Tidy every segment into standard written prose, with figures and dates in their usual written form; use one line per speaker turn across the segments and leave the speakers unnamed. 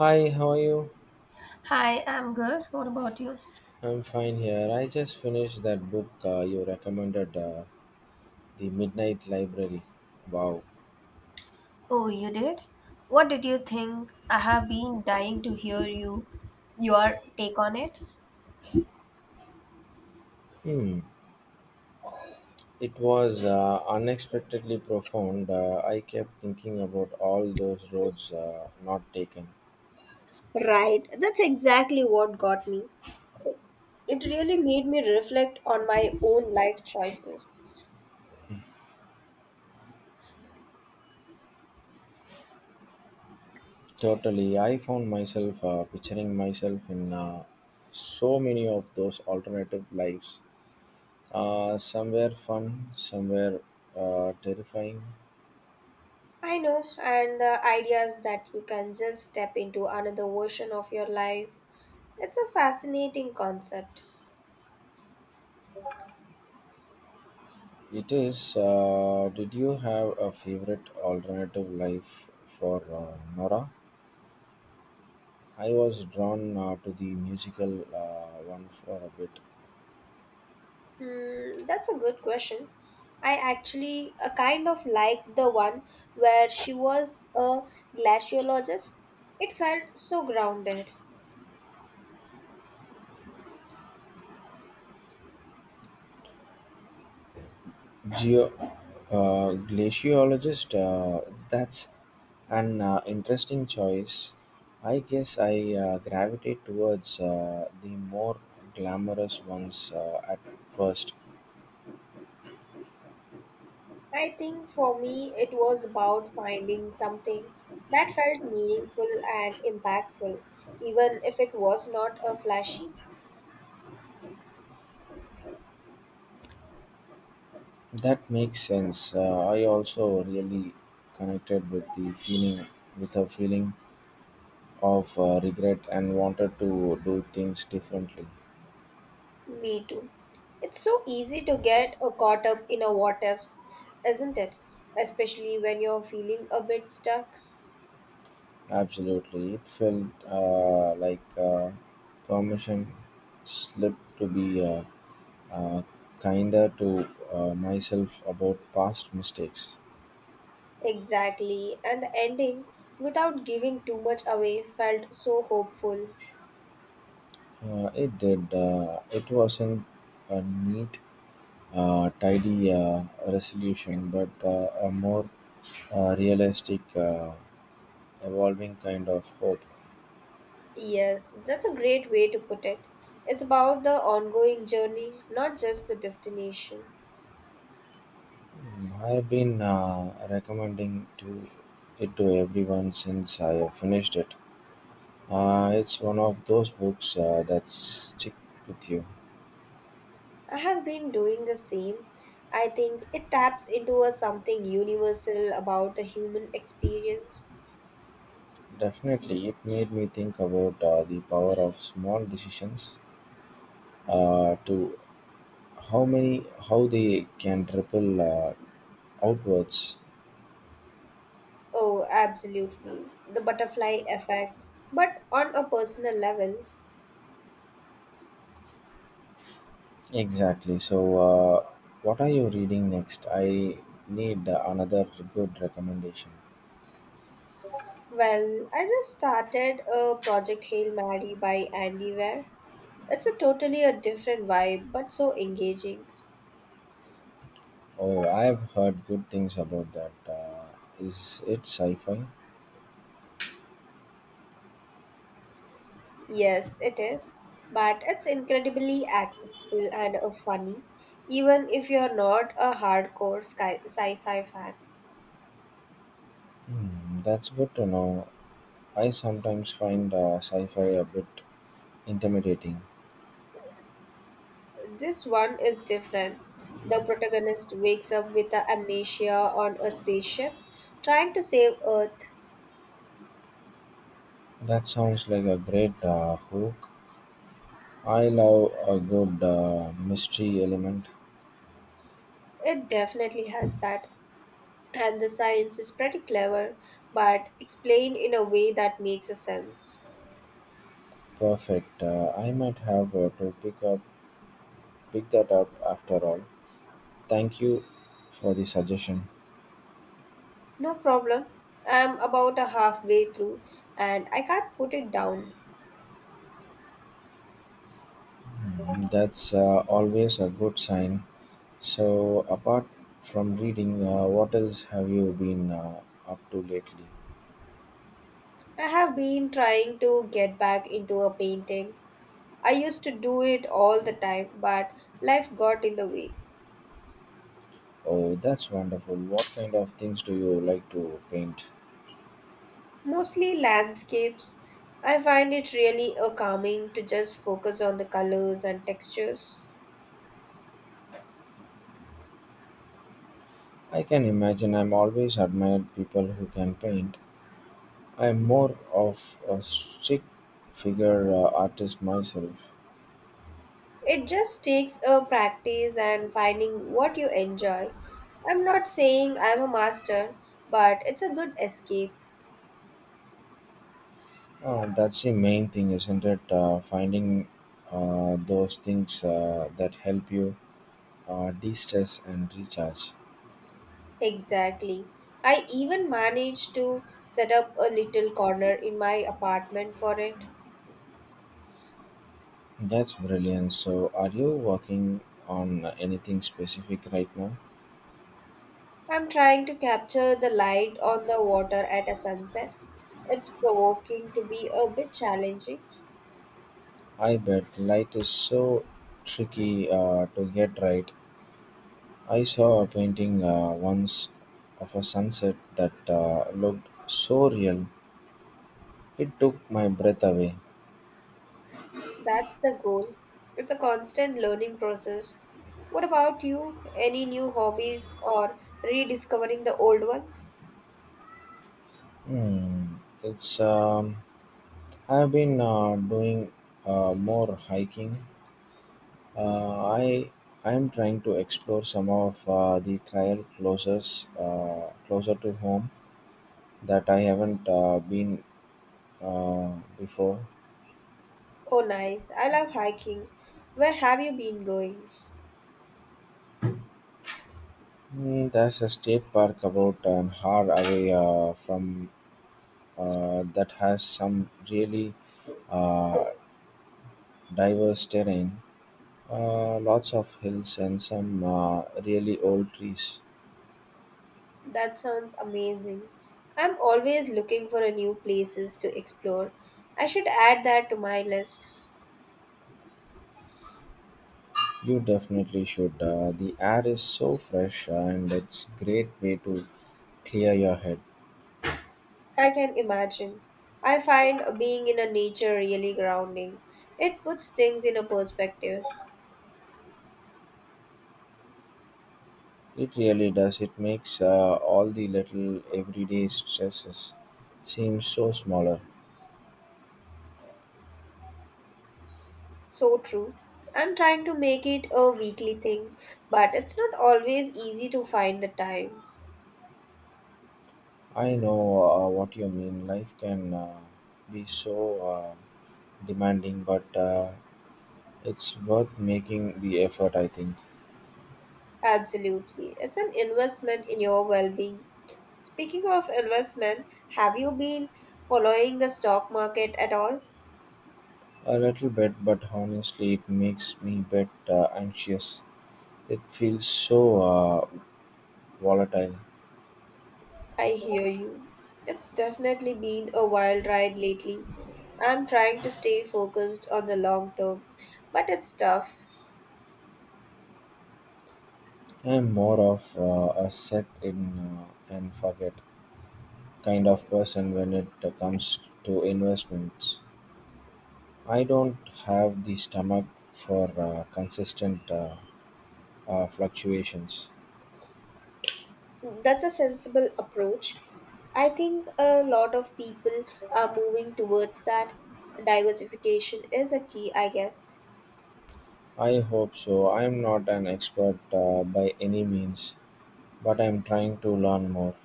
Hi, how are you?
Hi, I'm good. What about you?
I'm fine here. I just finished that book you recommended, The Midnight Library. Wow.
Oh, you did? What did you think? I have been dying to hear you your take on it.
Hmm. It was unexpectedly profound. I kept thinking about all those roads not taken.
Right, that's exactly what got me. It really made me reflect on my own life choices.
Totally. I found myself picturing myself in so many of those alternative lives. Somewhere fun, somewhere terrifying.
I know, and the ideas that you can just step into another version of your life. It's a fascinating concept.
It is. Did you have a favorite alternative life for Nora? I was drawn to the musical one for a bit.
Hmm, that's a good question. I actually kind of liked the one where she was a glaciologist. It felt so grounded.
Geo glaciologist. That's an interesting choice. I guess I gravitate towards the more glamorous ones at first.
I think for me, it was about finding something that felt meaningful and impactful, even if it was not a flashy.
That makes sense. I also really connected with the feeling, with her feeling of regret and wanted to do things differently.
Me too. It's so easy to get caught up in a what ifs, isn't it? Especially when you're feeling a bit stuck.
Absolutely. It felt like permission slip to be uh, kinder to myself about past mistakes.
Exactly, and the ending, without giving too much away, felt so hopeful.
It did. It wasn't a neat, tidy resolution, but a more realistic, evolving kind of hope.
Yes, that's a great way to put it. It's about the ongoing journey, not just the destination.
I've been recommending to it to everyone since I have finished it. It's one of those books that stick with you.
I have been doing the same. I think it taps into a something universal about the human experience.
Definitely, it made me think about the power of small decisions. To how they can ripple outwards.
Oh, absolutely. The butterfly effect. But on a personal level,
Exactly. So, what are you reading next? I need another good recommendation.
well, I just started a project Hail Mary by Andy Weir. It's a totally a different vibe, but so engaging.
Oh, I've heard good things about that. Is it sci-fi?
Yes, it is, but it's incredibly accessible and funny, even if you're not a hardcore sci-fi fan.
Hmm, that's good to know. I sometimes find sci-fi a bit intimidating.
This one is different. The protagonist wakes up with a amnesia on a spaceship, trying to save Earth.
That sounds like a great hook. I love a good mystery element.
It definitely has that, and the science is pretty clever, but explained in a way that makes a sense.
Perfect. I might have to pick that up after all. Thank you for the suggestion.
No problem. I'm about a halfway through and I can't put it down.
Hmm, that's always a good sign. So, apart from reading, what else have you been up to lately?
I have been trying to get back into a painting. I used to do it all the time, but life got in the way.
Oh, that's wonderful. What kind of things do you like to paint?
Mostly landscapes. I find it really a calming to just focus on the colors and textures.
I can imagine I'm always admired people who can paint. I'm more of a stick figure artist myself.
It just takes a practice and finding what you enjoy. I'm not saying I'm a master, but it's a good escape.
That's the main thing, isn't it? Finding those things that help you de stress and recharge.
Exactly. I even managed to set up a little corner in my apartment for it.
That's brilliant. So, are you working on anything specific right now?
I'm trying to capture the light on the water at a sunset. It's provoking to be a bit challenging.
I bet light is so tricky to get right. I saw a painting once of a sunset that looked so real. It took my breath away.
That's the goal. It's a constant learning process. What about you? Any new hobbies or rediscovering the old ones?
Hmm. It's I've been doing more hiking. Uh, I I'm trying to explore some of the trail closer to home that I haven't been before.
Oh, nice. I love hiking. Where have you been going?
There's a state park about an hour away from that has some really uh, diverse terrain, lots of hills, and some really old trees.
That sounds amazing. I'm always looking for a new places to explore. I should add that to my list.
You definitely should. The air is so fresh, and it's great way to clear your head.
I can imagine. I find being in a nature really grounding. It puts things in a perspective.
It really does. It makes all the little everyday stresses seem so smaller.
So true. I'm trying to make it a weekly thing, but it's not always easy to find the time.
I know what you mean. Life can be so uh, demanding, but it's worth making the effort, I think.
Absolutely. It's an investment in your well-being. Speaking of investment, have you been following the stock market at all?
A little bit, but honestly, it makes me a bit anxious. It feels so volatile.
I hear you. It's definitely been a wild ride lately. I'm trying to stay focused on the long term, but it's tough.
I'm more of a set in and forget kind of person when it comes to investments. I don't have the stomach for consistent fluctuations.
That's a sensible approach. I think a lot of people are moving towards that. Diversification is a key, I guess.
I hope so. I'm not an expert by any means, but I'm trying to learn more.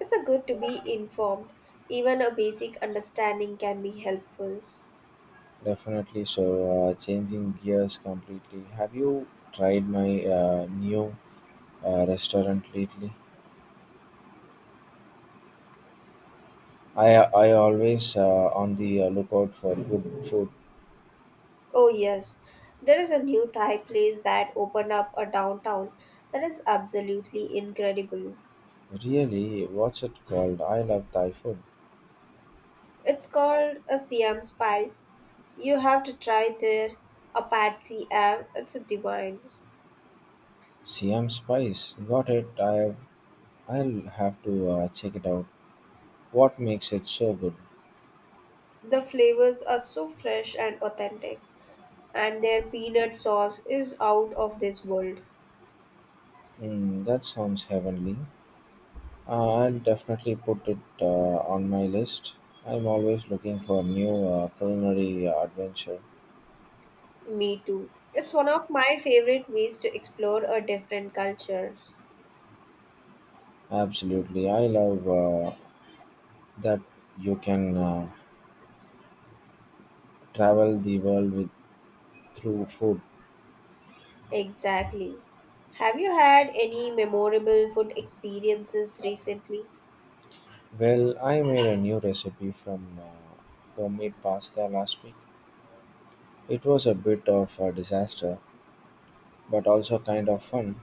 It's a good to be informed. Even a basic understanding can be helpful.
Definitely. So, changing gears completely. Have you tried my new restaurant lately? I I always on the lookout for good food.
Oh, yes. There is a new Thai place that opened up a downtown that is absolutely incredible.
Really, what's it called? I love Thai food.
It's called a Siam Spice. You have to try their Apache Ave. It's a divine.
Siam Spice. Got it. I'll have to check it out. What makes it so good?
The flavors are so fresh and authentic, and their peanut sauce is out of this world.
Mm, that sounds heavenly. I'll definitely put it on my list. I'm always looking for new culinary adventure.
Me too. It's one of my favorite ways to explore a different culture.
Absolutely, I love that you can travel the world with through food.
Exactly. Have you had any memorable food experiences recently?
Well, I made a new recipe from homemade pasta last week. It was a bit of a disaster, but also kind of fun.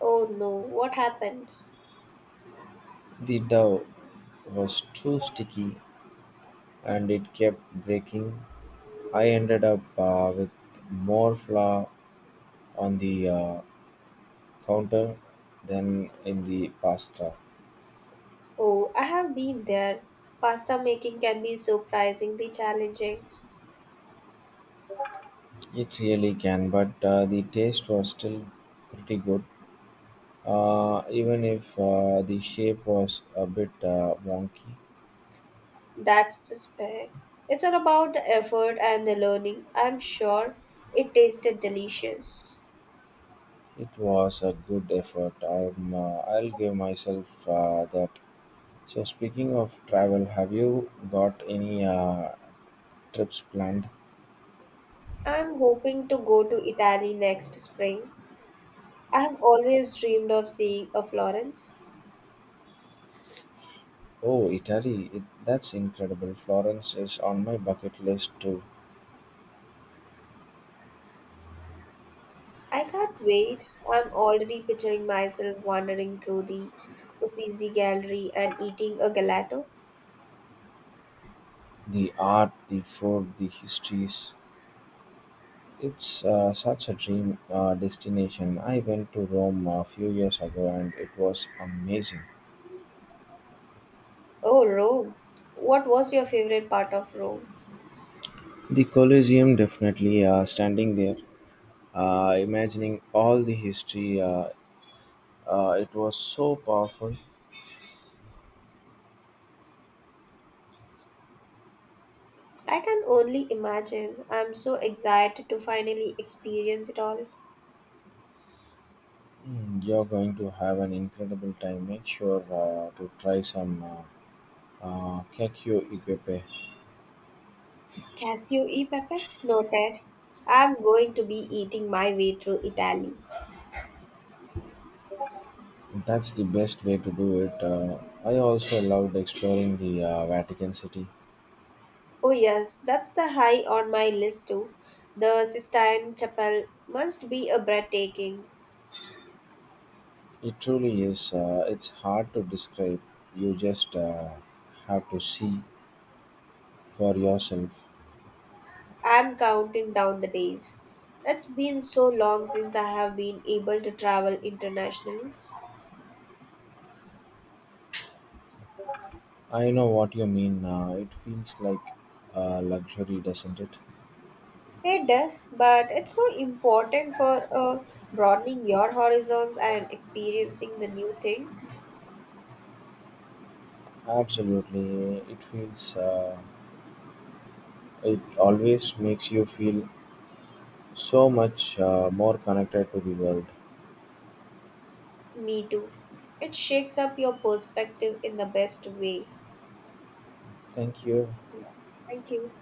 Oh no, what happened?
The dough was too sticky and it kept breaking. I ended up with more flour on the counter than in the pasta.
Oh, I have been there. Pasta making can be surprisingly challenging.
It really can, but the taste was still pretty good. Even if the shape was a bit wonky,
That's the spirit. It's all about the effort and the learning. I'm sure it tasted delicious.
it was a good effort. I'll give myself that. So, speaking of travel, have you got any trips planned?
I'm hoping to go to Italy next spring. I have always dreamed of seeing a Florence.
Oh, Italy, it, that's incredible. Florence is on my bucket list too.
I can't wait. I'm already picturing myself wandering through the Uffizi Gallery and eating a gelato.
The art, the food, the histories. It's such a dream destination. I went to Rome a few years ago and it was amazing.
Oh, Rome. What was your favorite part of Rome?
The Colosseum, definitely standing there, imagining all the history, it was so powerful.
I can only imagine. I'm so excited to finally experience it all.
Mm, you're going to have an incredible time. Make sure to try some Kekyo Ipepe.
Casio e Pepe? Noted. I'm going to be eating my way through Italy.
That's the best way to do it. I also loved exploring the Vatican City.
Oh, yes, that's the high on my list too. The Sistine Chapel must be a breathtaking.
It truly is. It's hard to describe. You just have to see for yourself.
I'm counting down the days. It's been so long since I have been able to travel internationally.
I know what you mean. It feels like luxury, doesn't it?
It does, but it's so important for broadening your horizons and experiencing the new things.
Absolutely. It feels. It always makes you feel so much more connected to the world.
Me too. It shakes up your perspective in the best way.
Thank you.
Yeah. Thank you.